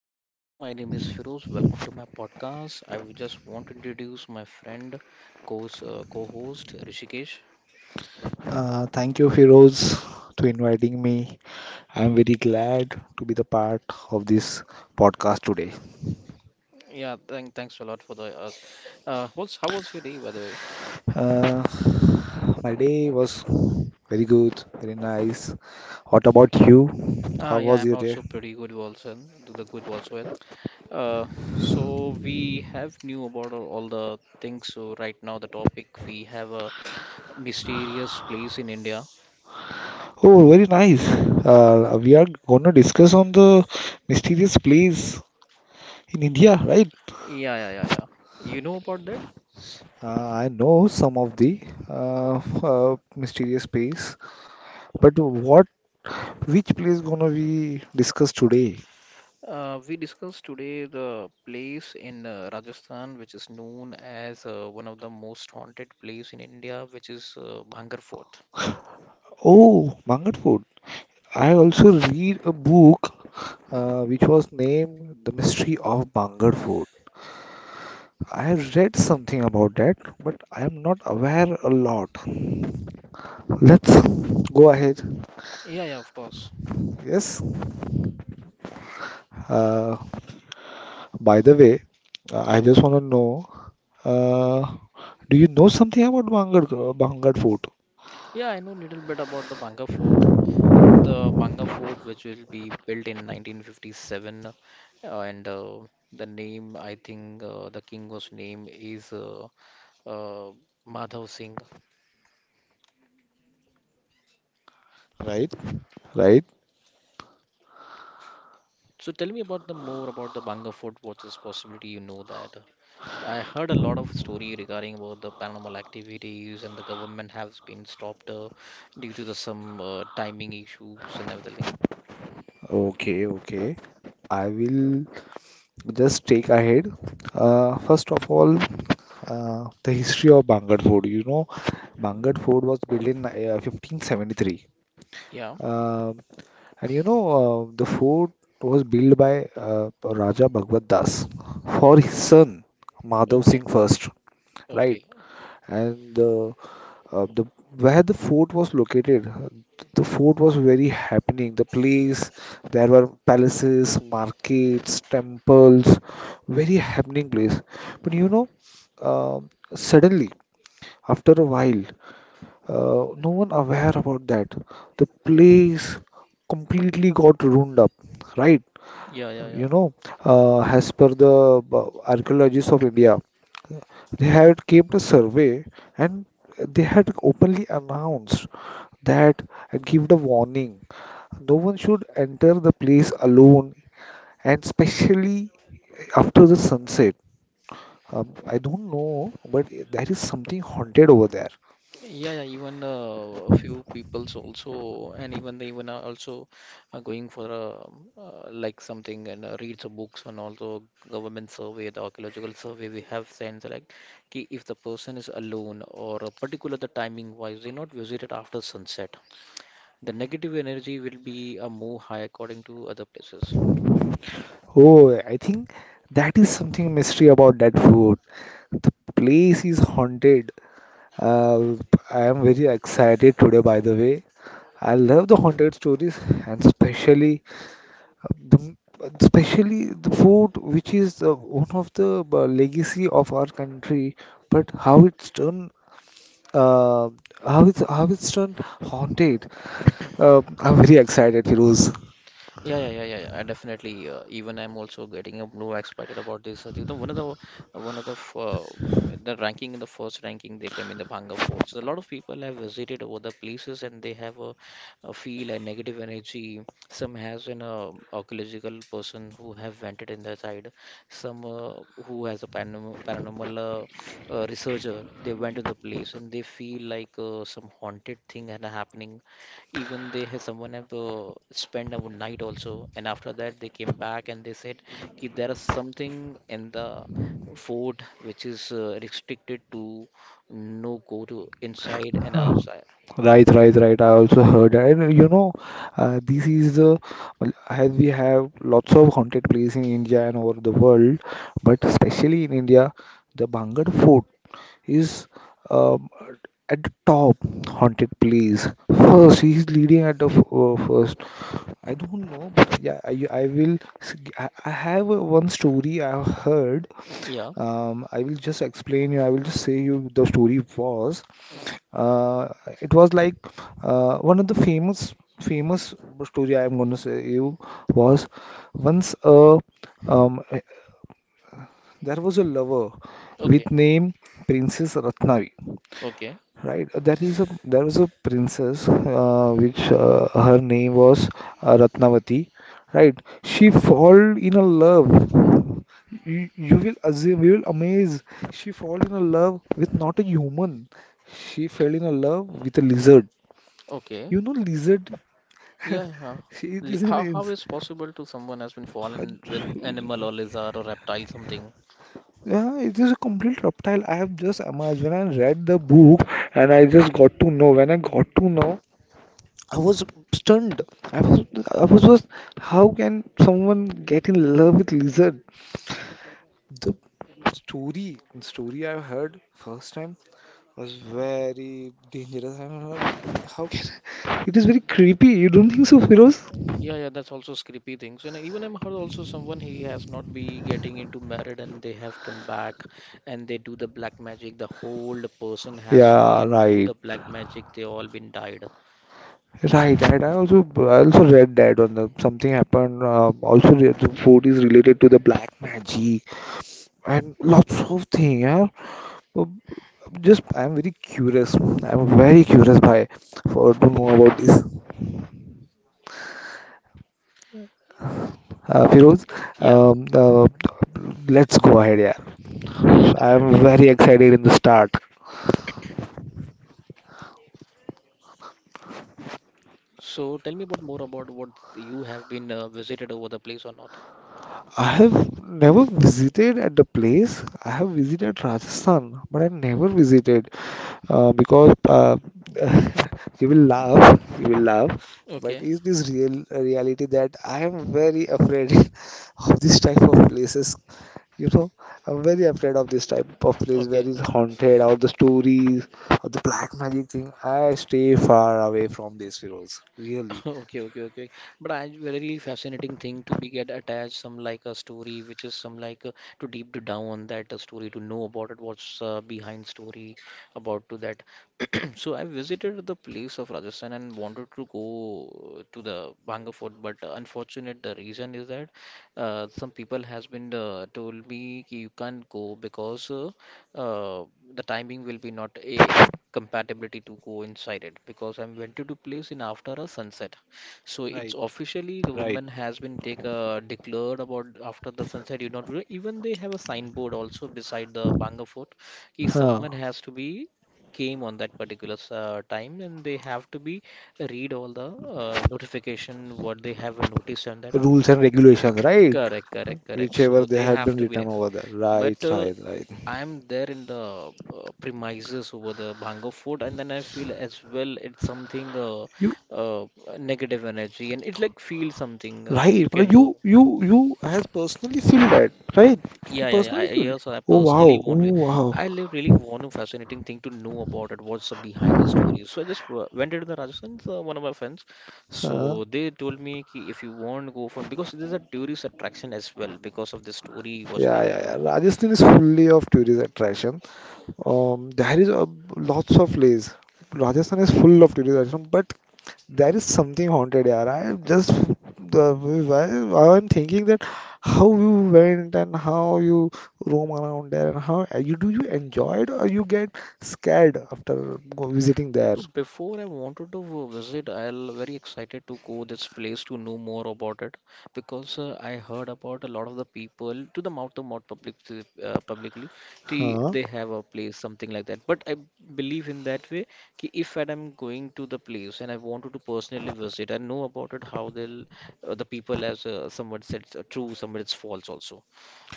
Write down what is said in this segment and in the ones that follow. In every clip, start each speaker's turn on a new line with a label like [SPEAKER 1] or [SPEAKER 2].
[SPEAKER 1] Hello, my name is Firoz. Welcome to my podcast. I would just want to introduce my friend, co co-host Rishikesh.
[SPEAKER 2] Thank you, Firoz, to inviting me. I'm very glad to be the part of this podcast today.
[SPEAKER 1] Yeah, thanks a lot for the us. What's how was your day, by the way?
[SPEAKER 2] Uh, my day was very good, very nice. What about you?
[SPEAKER 1] Ah,
[SPEAKER 2] How
[SPEAKER 1] yeah,
[SPEAKER 2] was
[SPEAKER 1] I'm
[SPEAKER 2] your day?
[SPEAKER 1] also pretty good Watson. Do the good Watson. Uh, so we have new about all the things. So right now the topic we have a mysterious place in India.
[SPEAKER 2] Oh, very nice. We are going to discuss on the mysterious place in India, right?
[SPEAKER 1] Yeah, yeah, yeah, yeah. You know about that?
[SPEAKER 2] I know some of the uh, mysterious place, but what which place gonna we discuss today?
[SPEAKER 1] We discussed today the place in Rajasthan, which is known as one of the most haunted place in India, which is Bhangar Fort.
[SPEAKER 2] Oh, Mangalpur. I also read a book which was named The Mystery of Bangalore. I have read something about that, but I am not aware a lot. Let's go ahead.
[SPEAKER 1] Yeah, yeah, of course.
[SPEAKER 2] Yes. Uh, by the way, I
[SPEAKER 1] Yeah,
[SPEAKER 2] just want to know, uh, do you know something about Bangar Bangalore Fort?
[SPEAKER 1] yeah, I know a little bit about the Bhangar Fort. The Bhangar Fort, which will be built in 1957, and the name, I think, the king was name is uh, Madhav Singh.
[SPEAKER 2] Right? Right?
[SPEAKER 1] So tell me about the more about the Bhangar Fort. What is possibility you know that? I heard a lot of story regarding about the paranormal activities and the government has been stopped due to the some timing issues and everything.
[SPEAKER 2] Okay, okay. I will just take ahead. First of all, the history of Bangad Fort. You know, Bangad Fort was built in 1573.
[SPEAKER 1] Yeah.
[SPEAKER 2] Um and you know, the fort was built by Raja Bhagwat Das for his son Madhav
[SPEAKER 1] Okay.
[SPEAKER 2] Singh first, right?
[SPEAKER 1] Okay.
[SPEAKER 2] And the where the fort was located, the fort was very happening. The place, there were palaces, markets, temples, very happening place. But you know, suddenly, after a while, no one aware about that. The place completely got ruined up, right?
[SPEAKER 1] Yeah. Yeah. Yeah.
[SPEAKER 2] You know, as per the archaeologists of India, they had came to survey and they had openly announced that give the warning. No one should enter the place alone, and especially after the sunset. I don't know, but there is something haunted over there.
[SPEAKER 1] Yeah, yeah, even a few people's also, and even they even are also are going for a, like something and read some books and also government survey, the archaeological survey we have sent like ki if the person is alone or a particular the timing wise, they not visited after sunset. The negative energy will be a move high according to other places.
[SPEAKER 2] Oh, I think that is something mystery about that food. The place is haunted. Uh, I am very excited today, by the way. I love the haunted stories, and The, especially the food, which is one of the legacy of our country, but how it's done, uh, how it's done haunted. I'm very excited, Firoz.
[SPEAKER 1] Yeah, yeah, yeah, yeah, yeah, I definitely. Even I'm also getting a blue excited about this. You know, one of the the ranking in the first ranking they come in the Bhanga Fort. So a lot of people have visited over the places and they have a feel a negative energy. Some has an archaeological person who have vented in the side. Some who has a paranormal, paranormal researcher. They went to the place and they feel like some haunted thing and happening even they have someone have to spend a night also and after that they came back and they said, "Ki, there is something in the fort which is restricted to no go to inside and outside."
[SPEAKER 2] Right, right, right. I also heard, and you know, this is the well, as we have lots of haunted places in India and over the world, but especially in India, the Bhangar Fort is um, at the top haunted place. First, he is leading at the first. I don't know, but yeah, I have one story I have heard.
[SPEAKER 1] Yeah.
[SPEAKER 2] I will just explain you. I will just say you the story was. Uh, it was like one of the famous story I am going to say you was once a um, eh, there was a lover with
[SPEAKER 1] Okay.
[SPEAKER 2] name Princess Ratnavi.
[SPEAKER 1] Okay.
[SPEAKER 2] Right, there was a princess which her name was Ratnavati. Right, she fall in a love. You will assume, you will amaze. She fall in a love with not a human. She fell in a love with a lizard.
[SPEAKER 1] Okay.
[SPEAKER 2] You know, lizard.
[SPEAKER 1] Yeah. Yeah.
[SPEAKER 2] She it
[SPEAKER 1] Li-
[SPEAKER 2] is an
[SPEAKER 1] How how
[SPEAKER 2] ins-
[SPEAKER 1] is possible to someone has been fallen with animal or lizard or reptile something?
[SPEAKER 2] Yeah, it is a complete reptile. I have just imagined when I read the book and I just got to know. When I got to know. I was stunned. I was, I was just, how can someone get in love with lizard? The the story I heard first time was very dangerous. I don't know how can it is very creepy. You don't think so, Firoz?
[SPEAKER 1] Yeah, yeah, that's also creepy things. And even I'm heard also someone he has not be getting into married and they have come back and they do the black magic. The whole person has to be
[SPEAKER 2] Yeah,
[SPEAKER 1] in do
[SPEAKER 2] right.
[SPEAKER 1] the black magic. They all been died.
[SPEAKER 2] Right, right. I also read that on the something happened. Also, the food is related to the black magic and lots of thing, yeah. Uh, just I'm very curious, by for to know about this, Feroz.
[SPEAKER 1] Yeah,
[SPEAKER 2] um, uh, let's go ahead, yeah.
[SPEAKER 1] yeah, yeah,
[SPEAKER 2] I'm
[SPEAKER 1] definitely.
[SPEAKER 2] very excited in the start.
[SPEAKER 1] So tell me about more about what you have been visited over the place or not.
[SPEAKER 2] I have never visited at the place. I have visited Rajasthan, but I never
[SPEAKER 1] Mhm.
[SPEAKER 2] visited because you will laugh. But
[SPEAKER 1] Okay,
[SPEAKER 2] is this real a reality that I am very afraid of this type of places? You know, I'm very afraid of this type of place where
[SPEAKER 1] okay.
[SPEAKER 2] it's haunted, or the stories, or the black magic thing. I stay far away from these, Feroz. Really.
[SPEAKER 1] Okay, okay, okay. But I very fascinating thing to be get attached some like a story, which is some like to deep to down on that story to know about it, what's behind story about to that. So I visited the place of Rajasthan and wanted to go to the Bhanga Fort, but unfortunate the reason is that some people has been told me, "Ki you can't go because uh, the timing will be not a compatibility to coincide it because I'm went to place in after a sunset." So it's
[SPEAKER 2] Right,
[SPEAKER 1] officially
[SPEAKER 2] right.
[SPEAKER 1] government has been take declared about after the sunset. You not re- Even they have a signboard also beside the Bangor Fort. Ki
[SPEAKER 2] Huh.
[SPEAKER 1] someone has to be came on that particular time and they have to be read all the notification what they have noticed on that.
[SPEAKER 2] Rules and regulations, right?
[SPEAKER 1] Correct, correct, correct.
[SPEAKER 2] Whichever
[SPEAKER 1] So
[SPEAKER 2] they
[SPEAKER 1] they
[SPEAKER 2] had been
[SPEAKER 1] have to be
[SPEAKER 2] written
[SPEAKER 1] in.
[SPEAKER 2] over there. Right,
[SPEAKER 1] But
[SPEAKER 2] right, right.
[SPEAKER 1] I'm there in the premises over the Bhango food, and then I feel as well it's something
[SPEAKER 2] You
[SPEAKER 1] uh, negative energy, and it like feels something
[SPEAKER 2] right,
[SPEAKER 1] you
[SPEAKER 2] मतलब
[SPEAKER 1] can
[SPEAKER 2] you
[SPEAKER 1] know.
[SPEAKER 2] you you has personally feel that, right? You
[SPEAKER 1] Yeah, yeah, yeah.
[SPEAKER 2] personally feel.
[SPEAKER 1] Yes, I
[SPEAKER 2] Oh
[SPEAKER 1] personally
[SPEAKER 2] wow,
[SPEAKER 1] want
[SPEAKER 2] oh
[SPEAKER 1] to.
[SPEAKER 2] wow.
[SPEAKER 1] I really want a fascinating thing to know about it. What's the behind the story? So I just went into the Rajasthan. So one of my friends,
[SPEAKER 2] Huh.
[SPEAKER 1] so they told me ki if you want to go for because there's a tourist attraction as well because of the story what they
[SPEAKER 2] Yeah, yeah,
[SPEAKER 1] have
[SPEAKER 2] yeah.
[SPEAKER 1] right now.
[SPEAKER 2] Rajasthan is fully of tourist attraction. There is lots of place. Rajasthan is full of tourist attraction, but there is something haunted, yeah. I just the Why I'm thinking that how you went and how you roam around there and how you do you enjoy it or you get scared after go visiting there?
[SPEAKER 1] Before I wanted to visit, I'll very excited to go this place to know more about it because I heard about a lot of the people to the mouth of mouth public publicly they,
[SPEAKER 2] Huh?
[SPEAKER 1] they have a place something like that. But I believe in that way कि if and I'm going to the place and I wanted to personally visit, I know about it how they'll the people as someone said it's true, someone it's false also.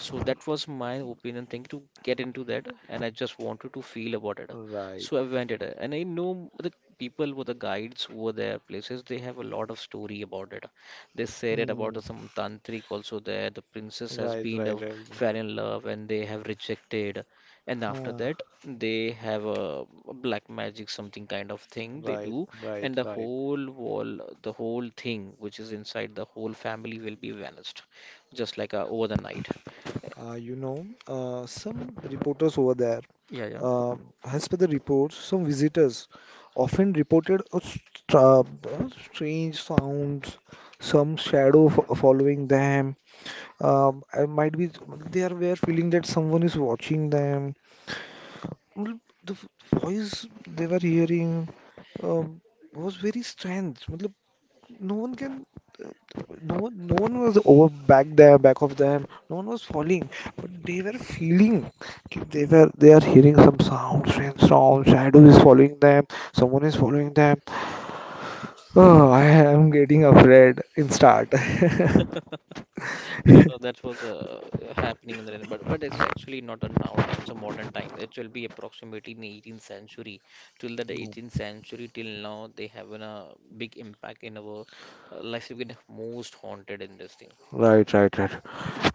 [SPEAKER 1] So that was my opinion thing to get into that, and I just wanted to feel about it.
[SPEAKER 2] Right.
[SPEAKER 1] So I went it, and I know the people were the guides over their places. They have a lot of story about it. They said it
[SPEAKER 2] Hmm.
[SPEAKER 1] about some tantric also there. The princess has been fell in love and they have rejected, and after
[SPEAKER 2] Huh.
[SPEAKER 1] that they have a black magic something kind of thing they do, and the whole wall, the whole thing which is inside the whole family will be vanished, just like over the night.
[SPEAKER 2] You know, some reporters over there,
[SPEAKER 1] Yeah, yeah.
[SPEAKER 2] uh, as per the reports, some visitors often reported a strange sounds, some shadow f following them. I might be they are were feeling that someone is watching them. मतलब The voice they were hearing um, was very strange. मतलब no one can, uh, no one, no one was over back there, back of them. No one was falling, but they were feeling. कि they are hearing some sound, strange sound. Shadow is following them. Someone is following them. Oh, I am getting afraid. In start.
[SPEAKER 1] No, no, no, that was happening in the but it's actually not a now time, it's a modern time. It will be approximately in the 18th century till the 18th century till now they have a big impact in our life. We get most haunted in this thing.
[SPEAKER 2] Right, right, right.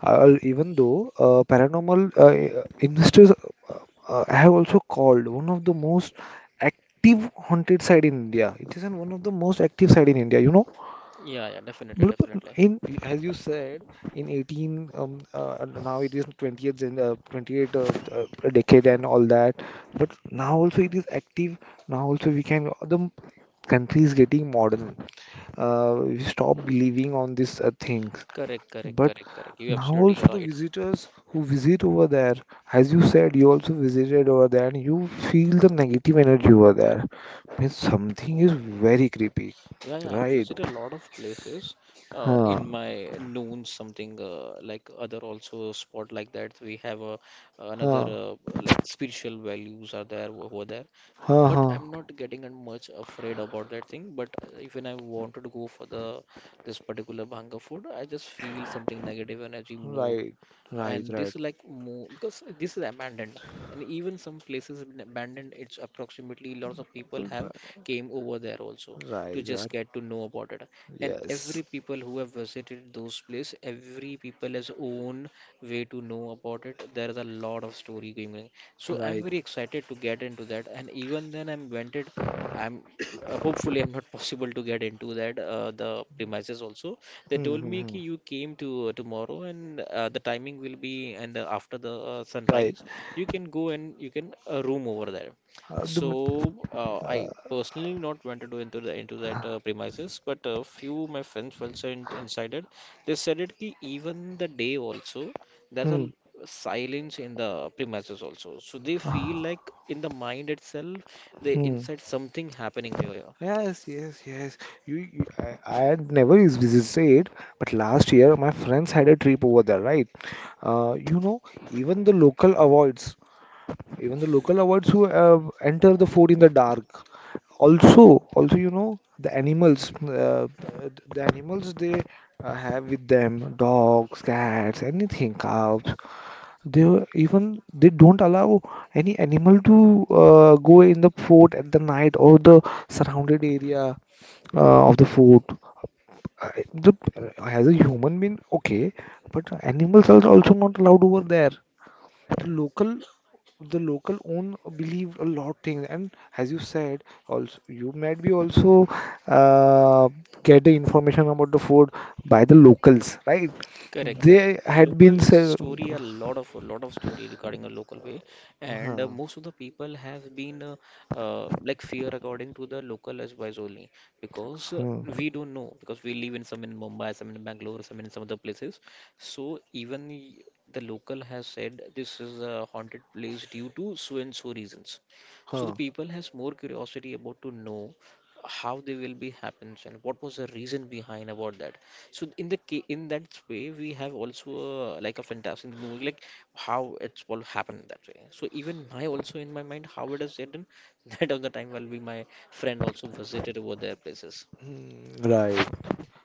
[SPEAKER 2] Even though paranormal investors uh, have also called one of the most active haunted site in India. It is an one of the most active site in India. You know,
[SPEAKER 1] Yeah, yeah, definitely,
[SPEAKER 2] मतलब
[SPEAKER 1] definitely.
[SPEAKER 2] in as you said in 18, now it is 20th and 28th decade and all that. But now also it is active. Now also we can the country is getting modern, we stop believing on these things,
[SPEAKER 1] Correct, correct,
[SPEAKER 2] but
[SPEAKER 1] correct, correct. You
[SPEAKER 2] now
[SPEAKER 1] absolutely
[SPEAKER 2] also the
[SPEAKER 1] right.
[SPEAKER 2] visitors who visit over there, as you said, you also visited over there and you feel the negative energy over there. Means something is very creepy,
[SPEAKER 1] Yeah, yeah, I've
[SPEAKER 2] right?
[SPEAKER 1] visited a lot of places. Uh,
[SPEAKER 2] Huh,
[SPEAKER 1] in my noon, something like other also spot like that. We have a another
[SPEAKER 2] huh,
[SPEAKER 1] like spiritual values are there over there.
[SPEAKER 2] huh,
[SPEAKER 1] But
[SPEAKER 2] huh.
[SPEAKER 1] I'm not getting and much afraid about that thing. But if when I wanted to go for the this particular bhanga food, I just feel something negative energy more,
[SPEAKER 2] Right, right,
[SPEAKER 1] and
[SPEAKER 2] right,
[SPEAKER 1] this is like more because this is abandoned, and even some places have been abandoned it's approximately lots of people have came over there also to
[SPEAKER 2] right,
[SPEAKER 1] just
[SPEAKER 2] right.
[SPEAKER 1] get to know about it, and every
[SPEAKER 2] Yes,
[SPEAKER 1] people who have visited those place, every people has own way to know about it. There is a lot of story going on, so I'm
[SPEAKER 2] right.
[SPEAKER 1] very excited to get into that and even then I'm went it. I'm hopefully I'm not possible to get into that the premises also. They
[SPEAKER 2] Hmm,
[SPEAKER 1] told
[SPEAKER 2] hmm,
[SPEAKER 1] me
[SPEAKER 2] hmm.
[SPEAKER 1] ki you came to tomorrow and the timing will be and after the
[SPEAKER 2] Right.
[SPEAKER 1] sunrise you can go and you can room over there.
[SPEAKER 2] The,
[SPEAKER 1] So I
[SPEAKER 2] uh,
[SPEAKER 1] personally not went to do into the into that premises, but a few my friends also in, inside it. They said it ki even the day also there's
[SPEAKER 2] hmm,
[SPEAKER 1] a silence in the premises also, so they
[SPEAKER 2] uh,
[SPEAKER 1] feel like in the mind itself they
[SPEAKER 2] hmm.
[SPEAKER 1] inside something happening here.
[SPEAKER 2] Yes, yes, yes. I had never visited, but last year my friends had a trip over there, right? You know, even the local avoids, even the local avoids who enter the fort in the dark. Also, also, you know, the animals they have with them, dogs, cats, anything, cows. They were- even they don't allow any animal to go in the fort at the night or the surrounded area of the fort. Uh, The, as a human being, okay, but animals are also not allowed over there. The local, the local own believed a lot things, and as you said, also you might be also uh, get the information about the fort by the locals, right?
[SPEAKER 1] Correct, correct.
[SPEAKER 2] They had been
[SPEAKER 1] Local
[SPEAKER 2] said.
[SPEAKER 1] story, a lot of story regarding a local way, and
[SPEAKER 2] Huh.
[SPEAKER 1] most of the people have been like fear according to the local as wise only because we don't know because we live in some in Mumbai, some in Bangalore, some in some other places. So even y- the local has said this is a haunted place due to so and so reasons. So the
[SPEAKER 2] Hmm.
[SPEAKER 1] people has more curiosity about to know how they will be happens and what was the reason behind about that, so in the in that way, we have also like a fantastic movie, like how it's all happened that way. So even my also in my mind how it is written, that of the time will be my friend also visited over their places.
[SPEAKER 2] Mm, right.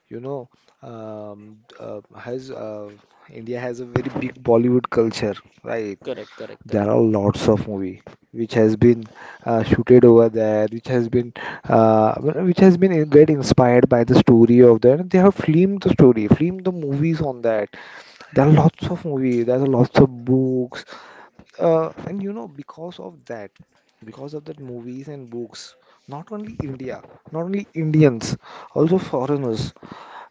[SPEAKER 2] You know, has India has a very big Bollywood culture, right?
[SPEAKER 1] Correct, correct,
[SPEAKER 2] There
[SPEAKER 1] correct.
[SPEAKER 2] are lots of movie which has been shooted over there, which has been uh, get inspired by the story of that. They have filmed the story, filmed the movies on that, there are lots of movies, there are lots of books, and you know, because of that movies and books, not only India, not only Indians, also foreigners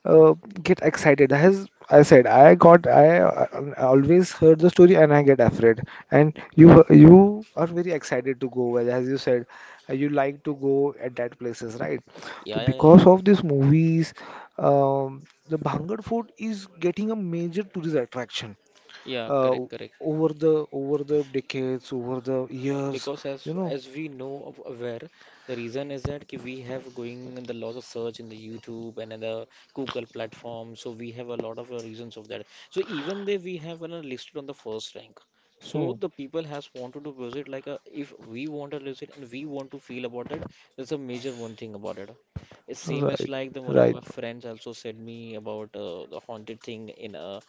[SPEAKER 2] uh, get excited. As I said, uh, always heard the story and I get afraid. And you are very excited to go, well, as you said, you like to go at that places, right? So
[SPEAKER 1] Yeah, yeah, yeah, yeah.
[SPEAKER 2] because of these movies, um, the Bhangar Fort is getting a major tourist attraction
[SPEAKER 1] Yeah,
[SPEAKER 2] uh,
[SPEAKER 1] correct, correct.
[SPEAKER 2] over the decades, over the years,
[SPEAKER 1] Because
[SPEAKER 2] you know.
[SPEAKER 1] as we know of aware the reason is that ki we have going in the loss of search in the YouTube and in the Google platform, so we have a lot of reasons of that, so even though we have listed on the first rank, so
[SPEAKER 2] Hmm.
[SPEAKER 1] the people has wanted to visit like a, if we want to visit and we want to feel about it, that's a major one thing about it. It's same as
[SPEAKER 2] Right,
[SPEAKER 1] like the one of
[SPEAKER 2] right.
[SPEAKER 1] my friends also said me about the haunted thing in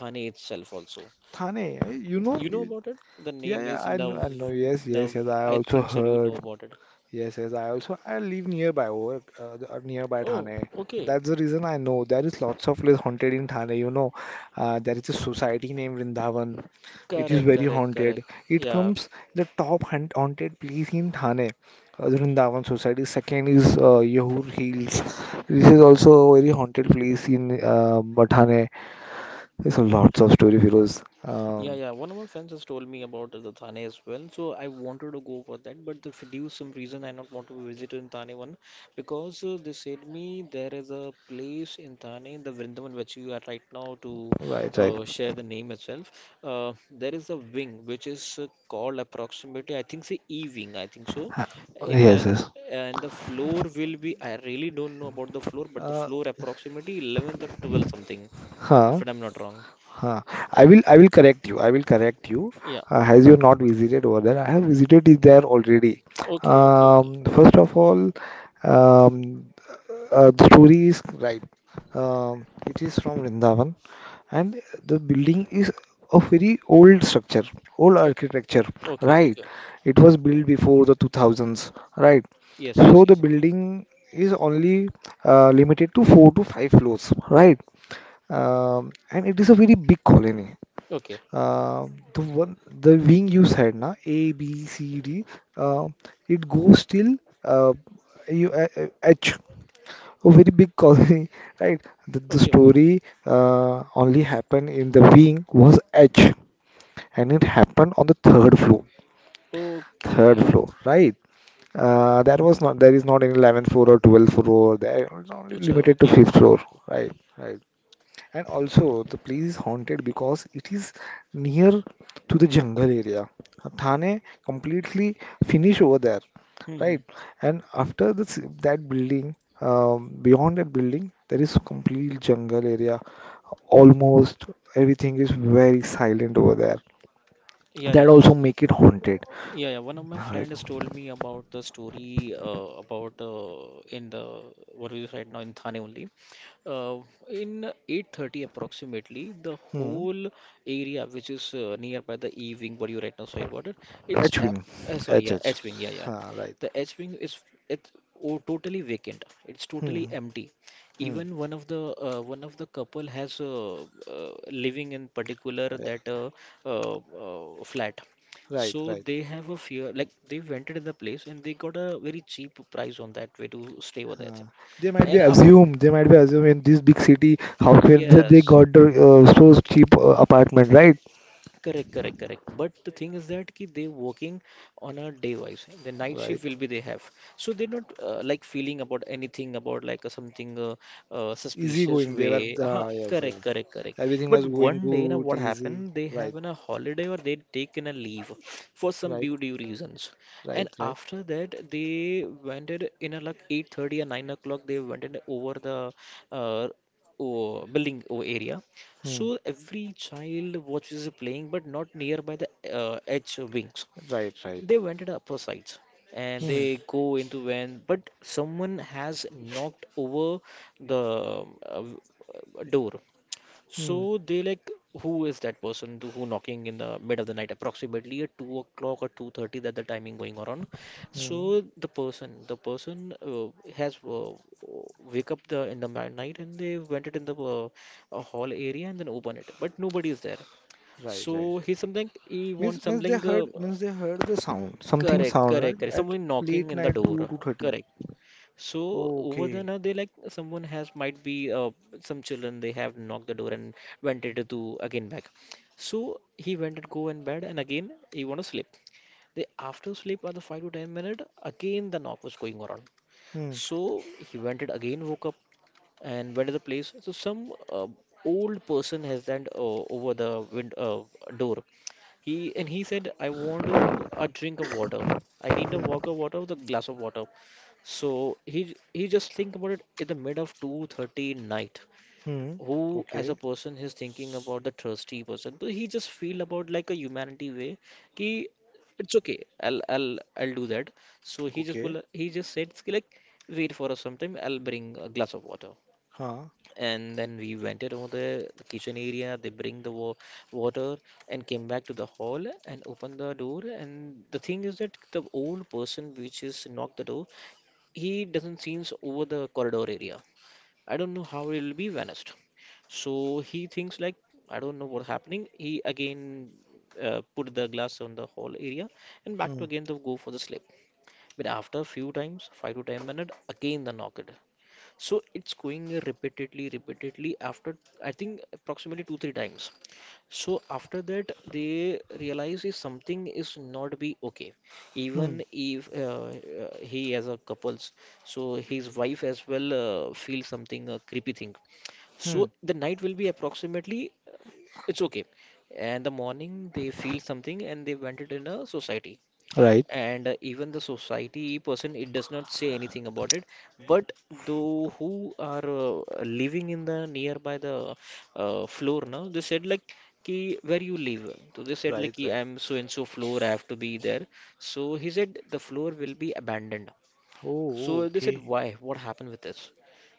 [SPEAKER 1] Thane itself also.
[SPEAKER 2] Thane, eh, you know.
[SPEAKER 1] You know about it? The
[SPEAKER 2] Yeah,
[SPEAKER 1] name
[SPEAKER 2] yeah,
[SPEAKER 1] is
[SPEAKER 2] I know,
[SPEAKER 1] Nav
[SPEAKER 2] I know. Yes,
[SPEAKER 1] Nav.
[SPEAKER 2] yes, yes. I
[SPEAKER 1] I
[SPEAKER 2] also
[SPEAKER 1] think so. You know
[SPEAKER 2] heard.
[SPEAKER 1] about it.
[SPEAKER 2] Yes, yes. I live nearby work, nearby
[SPEAKER 1] Oh,
[SPEAKER 2] Thane.
[SPEAKER 1] okay.
[SPEAKER 2] That's the reason I know there is lots of place haunted in Thane. You know, there is a society named Vrindavan. It is
[SPEAKER 1] Correct,
[SPEAKER 2] very
[SPEAKER 1] correct, correct.
[SPEAKER 2] haunted. It
[SPEAKER 1] Yeah,
[SPEAKER 2] comes the top haunted place in Thane. The Vrindavan Society. Second is Yehur Hills. This is also a very haunted place in Thane. There's lots of story heroes.
[SPEAKER 1] yeah, yeah. One of my friends has told me about the Thane as well. So I wanted to go for that, but due some reason I not want to visit in Thane one because they said me there is a place in Thane, the Vrindavan which you are right now to
[SPEAKER 2] Right, right.
[SPEAKER 1] share the name itself. There is a wing which is called approximately I think say E wing I think so.
[SPEAKER 2] Ha-
[SPEAKER 1] In
[SPEAKER 2] Yes,
[SPEAKER 1] that
[SPEAKER 2] yes.
[SPEAKER 1] and the floor will be I really don't know about the floor, but the
[SPEAKER 2] Uh,
[SPEAKER 1] floor approximately 11th or 12th something if
[SPEAKER 2] huh,
[SPEAKER 1] I'm not wrong.
[SPEAKER 2] huh.
[SPEAKER 1] Y-
[SPEAKER 2] I will correct you. I will correct you.
[SPEAKER 1] Yeah.
[SPEAKER 2] Has you not visited over there? I have visited it there already.
[SPEAKER 1] Okay, okay, okay,
[SPEAKER 2] First of all, um, the story is right. It is from Vrindavan, and the building is a very old structure, old
[SPEAKER 1] okay,
[SPEAKER 2] architecture.
[SPEAKER 1] okay,
[SPEAKER 2] Right.
[SPEAKER 1] okay.
[SPEAKER 2] It was built before the 2000s. Right.
[SPEAKER 1] Yes, yes,
[SPEAKER 2] So the
[SPEAKER 1] yes.
[SPEAKER 2] building is only limited to four to five floors. Right. And it is a very big colony.
[SPEAKER 1] Okay,
[SPEAKER 2] Uh, the wing you said na A B C D uh, it goes till uh, you H. A very big colony. Right. The
[SPEAKER 1] okay, okay, okay,
[SPEAKER 2] story only happened in the wing was H, and it happened on the third floor. Third
[SPEAKER 1] okay.
[SPEAKER 2] floor, right? That was not There is not any 11th floor or 12th floor there. It's only
[SPEAKER 1] अच्छा,
[SPEAKER 2] limited to
[SPEAKER 1] okay,
[SPEAKER 2] fifth
[SPEAKER 1] okay,
[SPEAKER 2] floor.
[SPEAKER 1] okay.
[SPEAKER 2] Right. Right. And also, the place is haunted because it is near to the jungle area. Thane completely finish over there,
[SPEAKER 1] hmm hmm,
[SPEAKER 2] right? And after this, that building, beyond that building, there is complete jungle area. Almost everything is very silent over there.
[SPEAKER 1] yeah, yeah, yeah.
[SPEAKER 2] That also make it haunted,
[SPEAKER 1] Yeah, yeah. One of my
[SPEAKER 2] right?
[SPEAKER 1] friends told me about the story about in the what we use right now in Thane only. Uh, in 8:30 approximately, the
[SPEAKER 2] Hmm.
[SPEAKER 1] whole area which is nearby the E wing, what you right now said about it, it's ap-
[SPEAKER 2] H-wing,
[SPEAKER 1] sorry, yeah,
[SPEAKER 2] HH.
[SPEAKER 1] H wing, yeah, yeah.
[SPEAKER 2] Ah, right.
[SPEAKER 1] The H wing is it's oh, totally vacant. It's totally
[SPEAKER 2] Hmm.
[SPEAKER 1] empty.
[SPEAKER 2] Hmm.
[SPEAKER 1] Even one of the couple has living in particular
[SPEAKER 2] Yeah.
[SPEAKER 1] that uh, flat.
[SPEAKER 2] Right.
[SPEAKER 1] So
[SPEAKER 2] Right.
[SPEAKER 1] they have a fear, like they rented in the place and they got a very cheap price on that way to stay over there.
[SPEAKER 2] Uh,
[SPEAKER 1] And after,
[SPEAKER 2] they might be assume in this big city how can they
[SPEAKER 1] yes,
[SPEAKER 2] got the so cheap apartment, right?
[SPEAKER 1] correct, correct, correct. But the thing is that ki they working on a day wise. The night
[SPEAKER 2] Right.
[SPEAKER 1] shift will be they have, so they're not like feeling about anything about like something
[SPEAKER 2] Easy
[SPEAKER 1] suspicious
[SPEAKER 2] going they were.
[SPEAKER 1] way. Huh,
[SPEAKER 2] Yes, yes.
[SPEAKER 1] correct, correct, correct.
[SPEAKER 2] Everything was
[SPEAKER 1] But
[SPEAKER 2] going
[SPEAKER 1] one day now
[SPEAKER 2] good,
[SPEAKER 1] what
[SPEAKER 2] easy.
[SPEAKER 1] happened? They have
[SPEAKER 2] Right.
[SPEAKER 1] in a holiday or they take in a leave for some
[SPEAKER 2] Right.
[SPEAKER 1] beauty reasons, and
[SPEAKER 2] Right. Right.
[SPEAKER 1] after that they went it in a like 8:30 or 9 o'clock. They went it over the uh, oh, building oh, area
[SPEAKER 2] Hmm.
[SPEAKER 1] so every child watches playing, but not nearby the edge wings. They went up upper sides and
[SPEAKER 2] Hmm.
[SPEAKER 1] they go into when, but someone has knocked over the door.
[SPEAKER 2] Hmm.
[SPEAKER 1] So they like who is that person to- who knocking in the mid of the night, approximately at 2 o'clock or 2:30 that the timing going on.
[SPEAKER 2] Hmm.
[SPEAKER 1] So the person has wake up the in the night and they went it in the a hall area and then open it, but nobody is there. So he something he wants
[SPEAKER 2] means means
[SPEAKER 1] something.
[SPEAKER 2] they heard the sound, something
[SPEAKER 1] Correct,
[SPEAKER 2] sound,
[SPEAKER 1] correct,
[SPEAKER 2] right,
[SPEAKER 1] correct.
[SPEAKER 2] at
[SPEAKER 1] Someone knocking
[SPEAKER 2] late
[SPEAKER 1] in the
[SPEAKER 2] night
[SPEAKER 1] door.
[SPEAKER 2] 2, 2:30. 30.
[SPEAKER 1] Correct. So over there
[SPEAKER 2] Okay.
[SPEAKER 1] now they like someone has might be some children they have knocked the door and went it to again back. So he went and go in bed and again he want to sleep. They after sleep are the 5 to 10 minute again the knock was going on.
[SPEAKER 2] Hmm.
[SPEAKER 1] So he went it again woke up and went to the place. So some old person has stand over the wind door he and he said, I want to a drink of water. I need a walk of water with a glass of water. So he just think about it in the mid of 2:30 night.
[SPEAKER 2] Hmm.
[SPEAKER 1] Who as a
[SPEAKER 2] Okay.
[SPEAKER 1] person is thinking about the thirsty person? So he just feel about like a humanity way. Ki, it's okay. I'll do that. So he just
[SPEAKER 2] Okay.
[SPEAKER 1] will he just said like wait for us sometime. I'll bring a glass of water
[SPEAKER 2] Huh.
[SPEAKER 1] and then we vented over the kitchen area. They bring water and came back to the hall and opened the door. And the thing is that the old person which is knocked the door, he doesn't seems over the corridor area. I don't know how he'll be vanished. So he thinks like I don't know what's happening. He again put the glass on the hall area and back to
[SPEAKER 2] Hmm.
[SPEAKER 1] again to go for the sleep. But after few times, 5 to 10 minutes, again the knocked. So it's going repeatedly, repeatedly after I think approximately two, three times. So after that, they realize is something is not be okay.
[SPEAKER 2] Hmm.
[SPEAKER 1] Even if he as a couples, so his wife as well feels something creepy thing.
[SPEAKER 2] Hmm.
[SPEAKER 1] So the night will be approximately it's okay, and the morning they feel something and they went it in a society
[SPEAKER 2] Right.
[SPEAKER 1] and even the society person it does not say anything about it but those who are living in the nearby the floor now they said like "Ki where you live so they said like
[SPEAKER 2] Right.
[SPEAKER 1] "Ki I
[SPEAKER 2] Right.
[SPEAKER 1] am so and so floor I have to be there so he said the floor will be abandoned
[SPEAKER 2] Oh,
[SPEAKER 1] so they said,
[SPEAKER 2] okay.
[SPEAKER 1] why? What happened with this?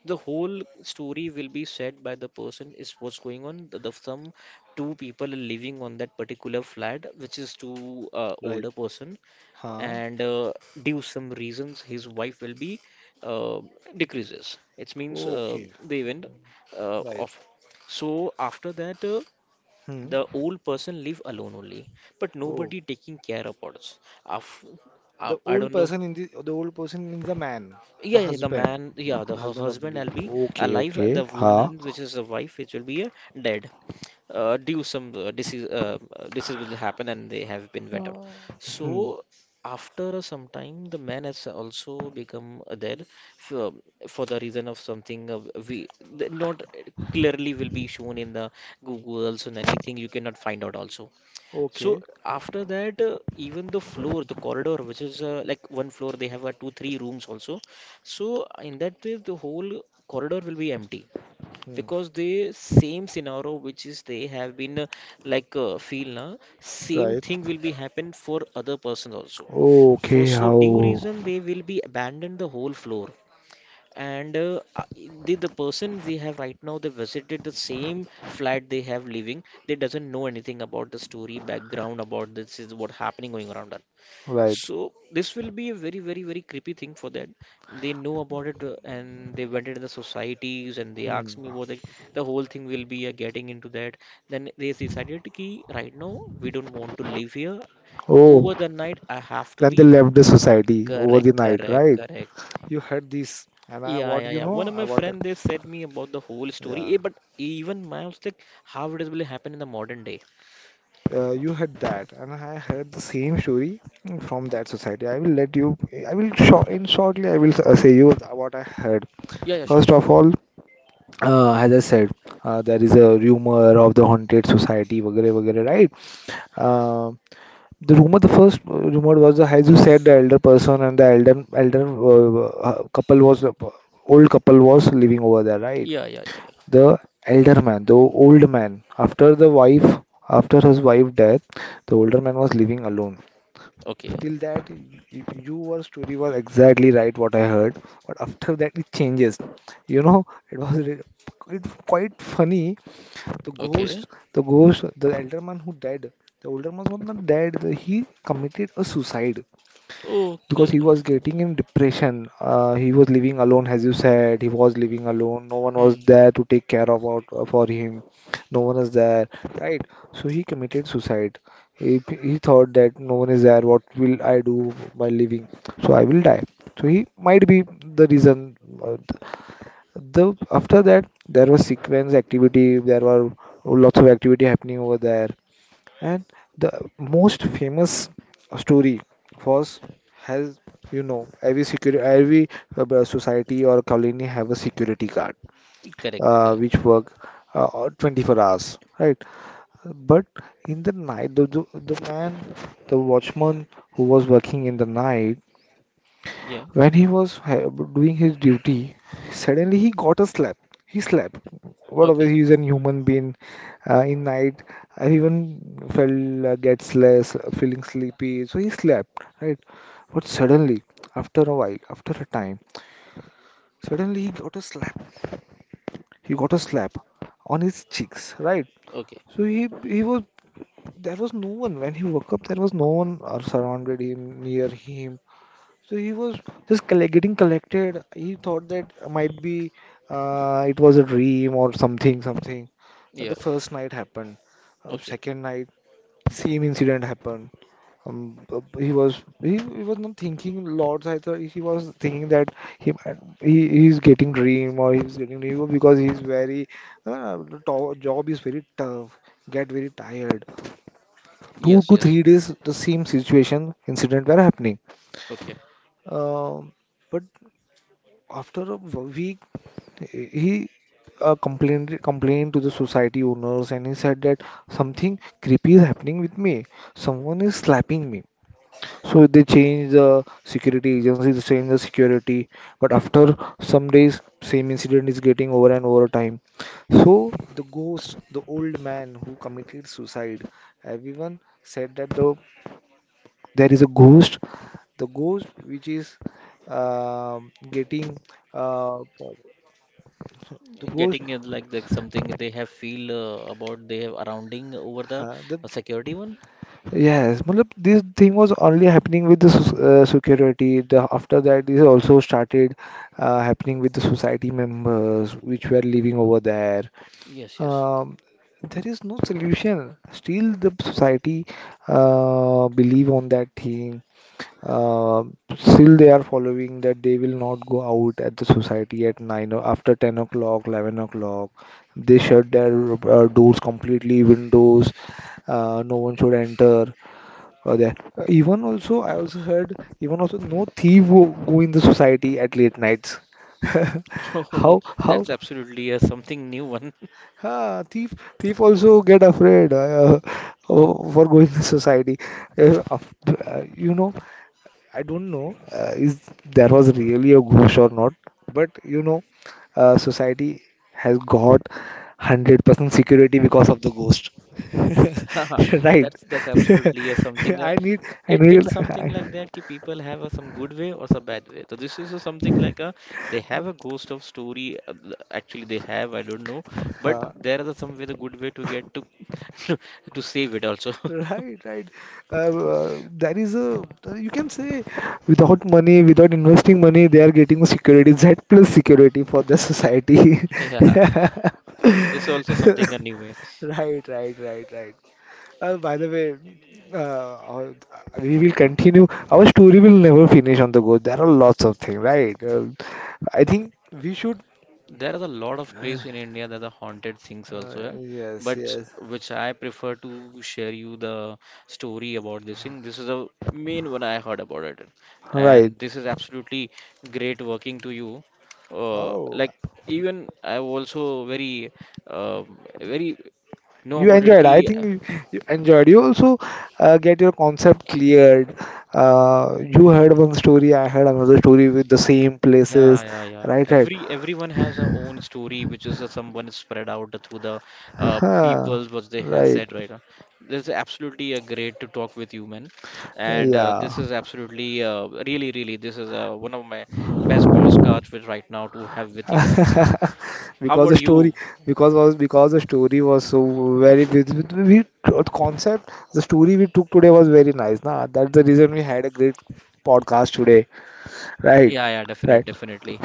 [SPEAKER 1] The whole story will be said by the person is what's going on. The some two people are living on that particular flat, which is two
[SPEAKER 2] Right.
[SPEAKER 1] older person,
[SPEAKER 2] Huh?
[SPEAKER 1] and due some reasons, his wife will be uh, decreases. It means
[SPEAKER 2] Okay.
[SPEAKER 1] the event
[SPEAKER 2] Right.
[SPEAKER 1] off. So after that,
[SPEAKER 2] Hmm.
[SPEAKER 1] the old person live alone only, but
[SPEAKER 2] Oh,
[SPEAKER 1] nobody taking care about us. Af- I
[SPEAKER 2] the
[SPEAKER 1] I
[SPEAKER 2] old
[SPEAKER 1] don't know.
[SPEAKER 2] person, in the old person means the man, the
[SPEAKER 1] Yeah, yeah, the
[SPEAKER 2] husband,
[SPEAKER 1] man, yeah, the
[SPEAKER 2] the
[SPEAKER 1] her
[SPEAKER 2] husband of the
[SPEAKER 1] husband will
[SPEAKER 2] lady.
[SPEAKER 1] be
[SPEAKER 2] Okay.
[SPEAKER 1] alive, the
[SPEAKER 2] Okay. Huh?
[SPEAKER 1] woman, which is the wife, which will be dead, due some disease, disease will happen, and they have been went out.
[SPEAKER 2] Hmm.
[SPEAKER 1] So after some time, the man has also become dead for, for the reason of something we not clearly will be shown in the Google's and anything you cannot find out also. So
[SPEAKER 2] Okay.
[SPEAKER 1] after that, even the floor, the corridor, which is like one floor, they have two, three rooms also. So in that way, the whole corridor will be empty
[SPEAKER 2] Hmm.
[SPEAKER 1] because the same scenario which is they have been like feel na, same
[SPEAKER 2] Right.
[SPEAKER 1] thing will be happen for other persons also. For
[SPEAKER 2] Okay.
[SPEAKER 1] so due
[SPEAKER 2] How?
[SPEAKER 1] reason, they will be abandoned the whole floor and the person they have right now they visited the same flat they have living they doesn't know anything about the story background about this is what happening going around that
[SPEAKER 2] Right.
[SPEAKER 1] so this will be a very very very creepy thing for them they know about it and they went into the societies and they
[SPEAKER 2] Hmm.
[SPEAKER 1] asked me about like the whole thing will be getting into that then they decided ki right now we don't want to live here
[SPEAKER 2] Oh,
[SPEAKER 1] over the night I have to
[SPEAKER 2] then
[SPEAKER 1] be
[SPEAKER 2] they left the society over
[SPEAKER 1] correct
[SPEAKER 2] the night,
[SPEAKER 1] correct
[SPEAKER 2] right?
[SPEAKER 1] correct
[SPEAKER 2] You heard this, and I,
[SPEAKER 1] yeah,
[SPEAKER 2] what
[SPEAKER 1] yeah,
[SPEAKER 2] you
[SPEAKER 1] yeah.
[SPEAKER 2] know,
[SPEAKER 1] One of
[SPEAKER 2] I
[SPEAKER 1] my
[SPEAKER 2] what?
[SPEAKER 1] friend they said me about the whole story.
[SPEAKER 2] Yeah.
[SPEAKER 1] Eh, but even my I was like, how it is will happen in the modern day?
[SPEAKER 2] You heard that, and I heard the same story from that society. I will let you, I will short in shortly I will say you what I heard.
[SPEAKER 1] Yeah, yeah, sure,
[SPEAKER 2] First
[SPEAKER 1] sure,
[SPEAKER 2] of
[SPEAKER 1] sure.
[SPEAKER 2] all, as I said, there is a rumor of the haunted society, vagare vagare, right? uh, the rumor, the first rumor was, as you said, the elder person and the elder elder couple was, old couple was living over there, right?
[SPEAKER 1] Yeah, yeah, yeah, yeah.
[SPEAKER 2] The elder man, the old man, after the wife, after his wife death, the older man was living alone.
[SPEAKER 1] Okay,
[SPEAKER 2] Till that, your story was exactly right what I heard, but after that it changes. You know, it was it quite funny. The ghost,
[SPEAKER 1] okay,
[SPEAKER 2] the ghost, the elder man who died, the older man was not dead. He committed a suicide because
[SPEAKER 1] okay.
[SPEAKER 2] he was getting in depression. He was living alone, as you said. He was living alone. No one was
[SPEAKER 1] Hmm.
[SPEAKER 2] there to take care of out for him. No one was there, right? So he committed suicide. He thought that no one is there. What will I do by living? So I will die. So he might be the reason. Uh, The After that there was sequence activity. There were lots of activity happening over there. And the most famous story was, has, you know, every security, every society or colony have a security guard
[SPEAKER 1] Correct, correct.
[SPEAKER 2] which work 24 hours, right? But in the night, the man, the watchman who was working in the night,
[SPEAKER 1] Yeah.
[SPEAKER 2] when he was doing his duty, suddenly he got a slap. He slapped. Whatever,
[SPEAKER 1] Okay,
[SPEAKER 2] he is a human being. In night, everyone felt feeling sleepy. So he slept, right? But suddenly, after a while, after a time, suddenly he got a slap. He got a slap on his cheeks, right?
[SPEAKER 1] okay.
[SPEAKER 2] So he was There was no one when he woke up. There was no one surrounded him, near him. So he was just collect, getting collected. He thought that might be, it was a dream or something, something.
[SPEAKER 1] Yeah.
[SPEAKER 2] The first night happened.
[SPEAKER 1] Okay.
[SPEAKER 2] Second night, same incident happened. He was not thinking lots. I thought he was thinking that he's getting dream or he's getting dream because he's very job is very tough. Get very tired. Two
[SPEAKER 1] Yes,
[SPEAKER 2] to
[SPEAKER 1] yes.
[SPEAKER 2] three days, the same situation incident were happening.
[SPEAKER 1] Okay.
[SPEAKER 2] Um, but after a week, he complained to the society owners and he said that something creepy is happening with me. Someone is slapping me. So they changed the security agencies, they changed the security. But after some days, same incident is getting over and over time. So the ghost, the old man who committed suicide, everyone said that there is a ghost, the ghost which is, um, getting, uh, the ghost,
[SPEAKER 1] Getting it like that something they have feel about they have surrounding over the
[SPEAKER 2] हाँ मतलब,
[SPEAKER 1] security one.
[SPEAKER 2] yes मतलब, this thing was only happening with the security. The After that this also started happening with the society members which were living over there.
[SPEAKER 1] Yes, yes.
[SPEAKER 2] Um, there is no solution. Still the society believe on that thing. uh, Still they are following that, they will not go out at the society at 9 or after 10 o'clock, 11 o'clock. They shut their doors completely, windows. No one should enter or there. Even also I also heard, even also no thief go in the society at late nights.
[SPEAKER 1] Oh,
[SPEAKER 2] How, how.
[SPEAKER 1] that's absolutely something new one.
[SPEAKER 2] Ah, thief also get afraid for going to society. You know, I don't know is there was really a ghost or not, but you know, society has got 100% security because of the ghost.
[SPEAKER 1] Haha,
[SPEAKER 2] Right.
[SPEAKER 1] that's absolutely something.
[SPEAKER 2] I need, I
[SPEAKER 1] It
[SPEAKER 2] need,
[SPEAKER 1] it's something
[SPEAKER 2] I,
[SPEAKER 1] like that. Ki people have some good way or some bad way. So this is something like a they have a ghost of story. Actually, they have I don't know, but
[SPEAKER 2] uh,
[SPEAKER 1] there are the some way the good way to get to to save it also.
[SPEAKER 2] right, right. There is a, you can say, without money, without investing money, they are getting security, Z plus security for the society.
[SPEAKER 1] Yeah, this is also something a new way.
[SPEAKER 2] Right, right, right, right. By the way, we will continue. Our story will never finish on the go. There are lots of things, right? I think we should.
[SPEAKER 1] There are a lot of places in India that are haunted things also, eh,
[SPEAKER 2] Yes,
[SPEAKER 1] but
[SPEAKER 2] yes.
[SPEAKER 1] which I prefer to share you the story about this thing. This is the main one I heard about it,
[SPEAKER 2] Right.
[SPEAKER 1] and this is absolutely great working to you.
[SPEAKER 2] Oh,
[SPEAKER 1] Like even I also very very know
[SPEAKER 2] you
[SPEAKER 1] about it.
[SPEAKER 2] enjoyed. I
[SPEAKER 1] Ki
[SPEAKER 2] think you enjoyed. You also get your concept cleared. You heard one story, I heard another story with the same
[SPEAKER 1] yeah,
[SPEAKER 2] places.
[SPEAKER 1] yeah, yeah.
[SPEAKER 2] Right, right.
[SPEAKER 1] Every everyone has their own story, which is someone is spread out through the
[SPEAKER 2] Huh.
[SPEAKER 1] peoples what they have
[SPEAKER 2] Right.
[SPEAKER 1] said right now. This is absolutely a great to talk with you, man. And
[SPEAKER 2] Yeah.
[SPEAKER 1] this is absolutely, really, really, this is one of my best podcasts with right now to have with you. How
[SPEAKER 2] because
[SPEAKER 1] about
[SPEAKER 2] the story
[SPEAKER 1] you?
[SPEAKER 2] because the story was so very we- the concept the story we took today was very nice na, that's the reason we had a great podcast today, right?
[SPEAKER 1] Yeah, yeah, definitely,
[SPEAKER 2] Right.
[SPEAKER 1] definitely.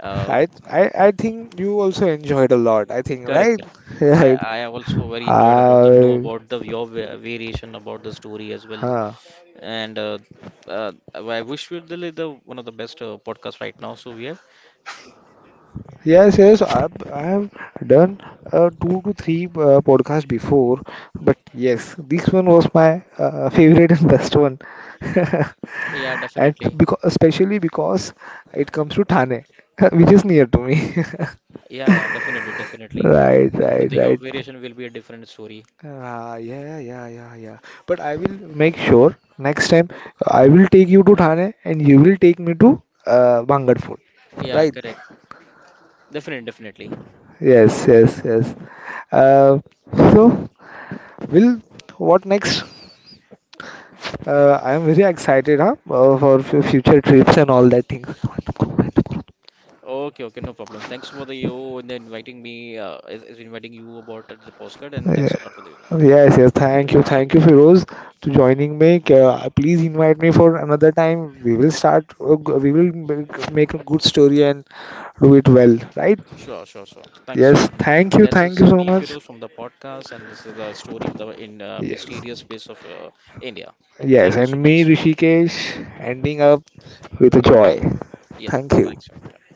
[SPEAKER 1] Uh,
[SPEAKER 2] I I think you also enjoyed a lot, I think,
[SPEAKER 1] correct,
[SPEAKER 2] right?
[SPEAKER 1] correct.
[SPEAKER 2] Right.
[SPEAKER 1] I also very enjoyed about to know
[SPEAKER 2] uh,
[SPEAKER 1] about the your variation about the story as well,
[SPEAKER 2] huh.
[SPEAKER 1] and I wish we're really the one of the best podcasts right now. So we have,
[SPEAKER 2] Yes, yes, I've done two to three podcasts before, but yes, this one was my favorite and best one.
[SPEAKER 1] yeah,
[SPEAKER 2] And
[SPEAKER 1] definitely,
[SPEAKER 2] because, especially because it comes to Thane, which is near to me.
[SPEAKER 1] yeah, yeah, definitely, definitely.
[SPEAKER 2] Right,
[SPEAKER 1] The,
[SPEAKER 2] right,
[SPEAKER 1] the your
[SPEAKER 2] right.
[SPEAKER 1] variation will be a different story.
[SPEAKER 2] Ah, yeah, yeah, yeah, yeah. But I will make sure next time I will take you to Thane and you will take me to Bangarford.
[SPEAKER 1] Yeah, correct. Definitely, definitely.
[SPEAKER 2] Yes, yes, yes. Uh, Uh, so. Will, what next? I am very excited, huh? For future trips and all that things.
[SPEAKER 1] Okay, okay, no problem. Thanks for the you and inviting me, is inviting you about the postcard, and thanks
[SPEAKER 2] Yeah.
[SPEAKER 1] a lot for the invite.
[SPEAKER 2] Yes, yes. Thank you, Firoz, to joining me. Please invite me for another time. We will start. We will make a good story and do it well, right?
[SPEAKER 1] Sure, sure, sure. Thanks a
[SPEAKER 2] Yes.
[SPEAKER 1] lot. That's
[SPEAKER 2] Thank you
[SPEAKER 1] some
[SPEAKER 2] so
[SPEAKER 1] me
[SPEAKER 2] much.
[SPEAKER 1] Feroz from the podcast, and this is the story of the in
[SPEAKER 2] Yes,
[SPEAKER 1] mysterious place of India.
[SPEAKER 2] yes.
[SPEAKER 1] Thank you so
[SPEAKER 2] And me,
[SPEAKER 1] much.
[SPEAKER 2] Rishikesh, ending up with a joy.
[SPEAKER 1] Yeah,
[SPEAKER 2] Thank you.
[SPEAKER 1] thanks, yeah.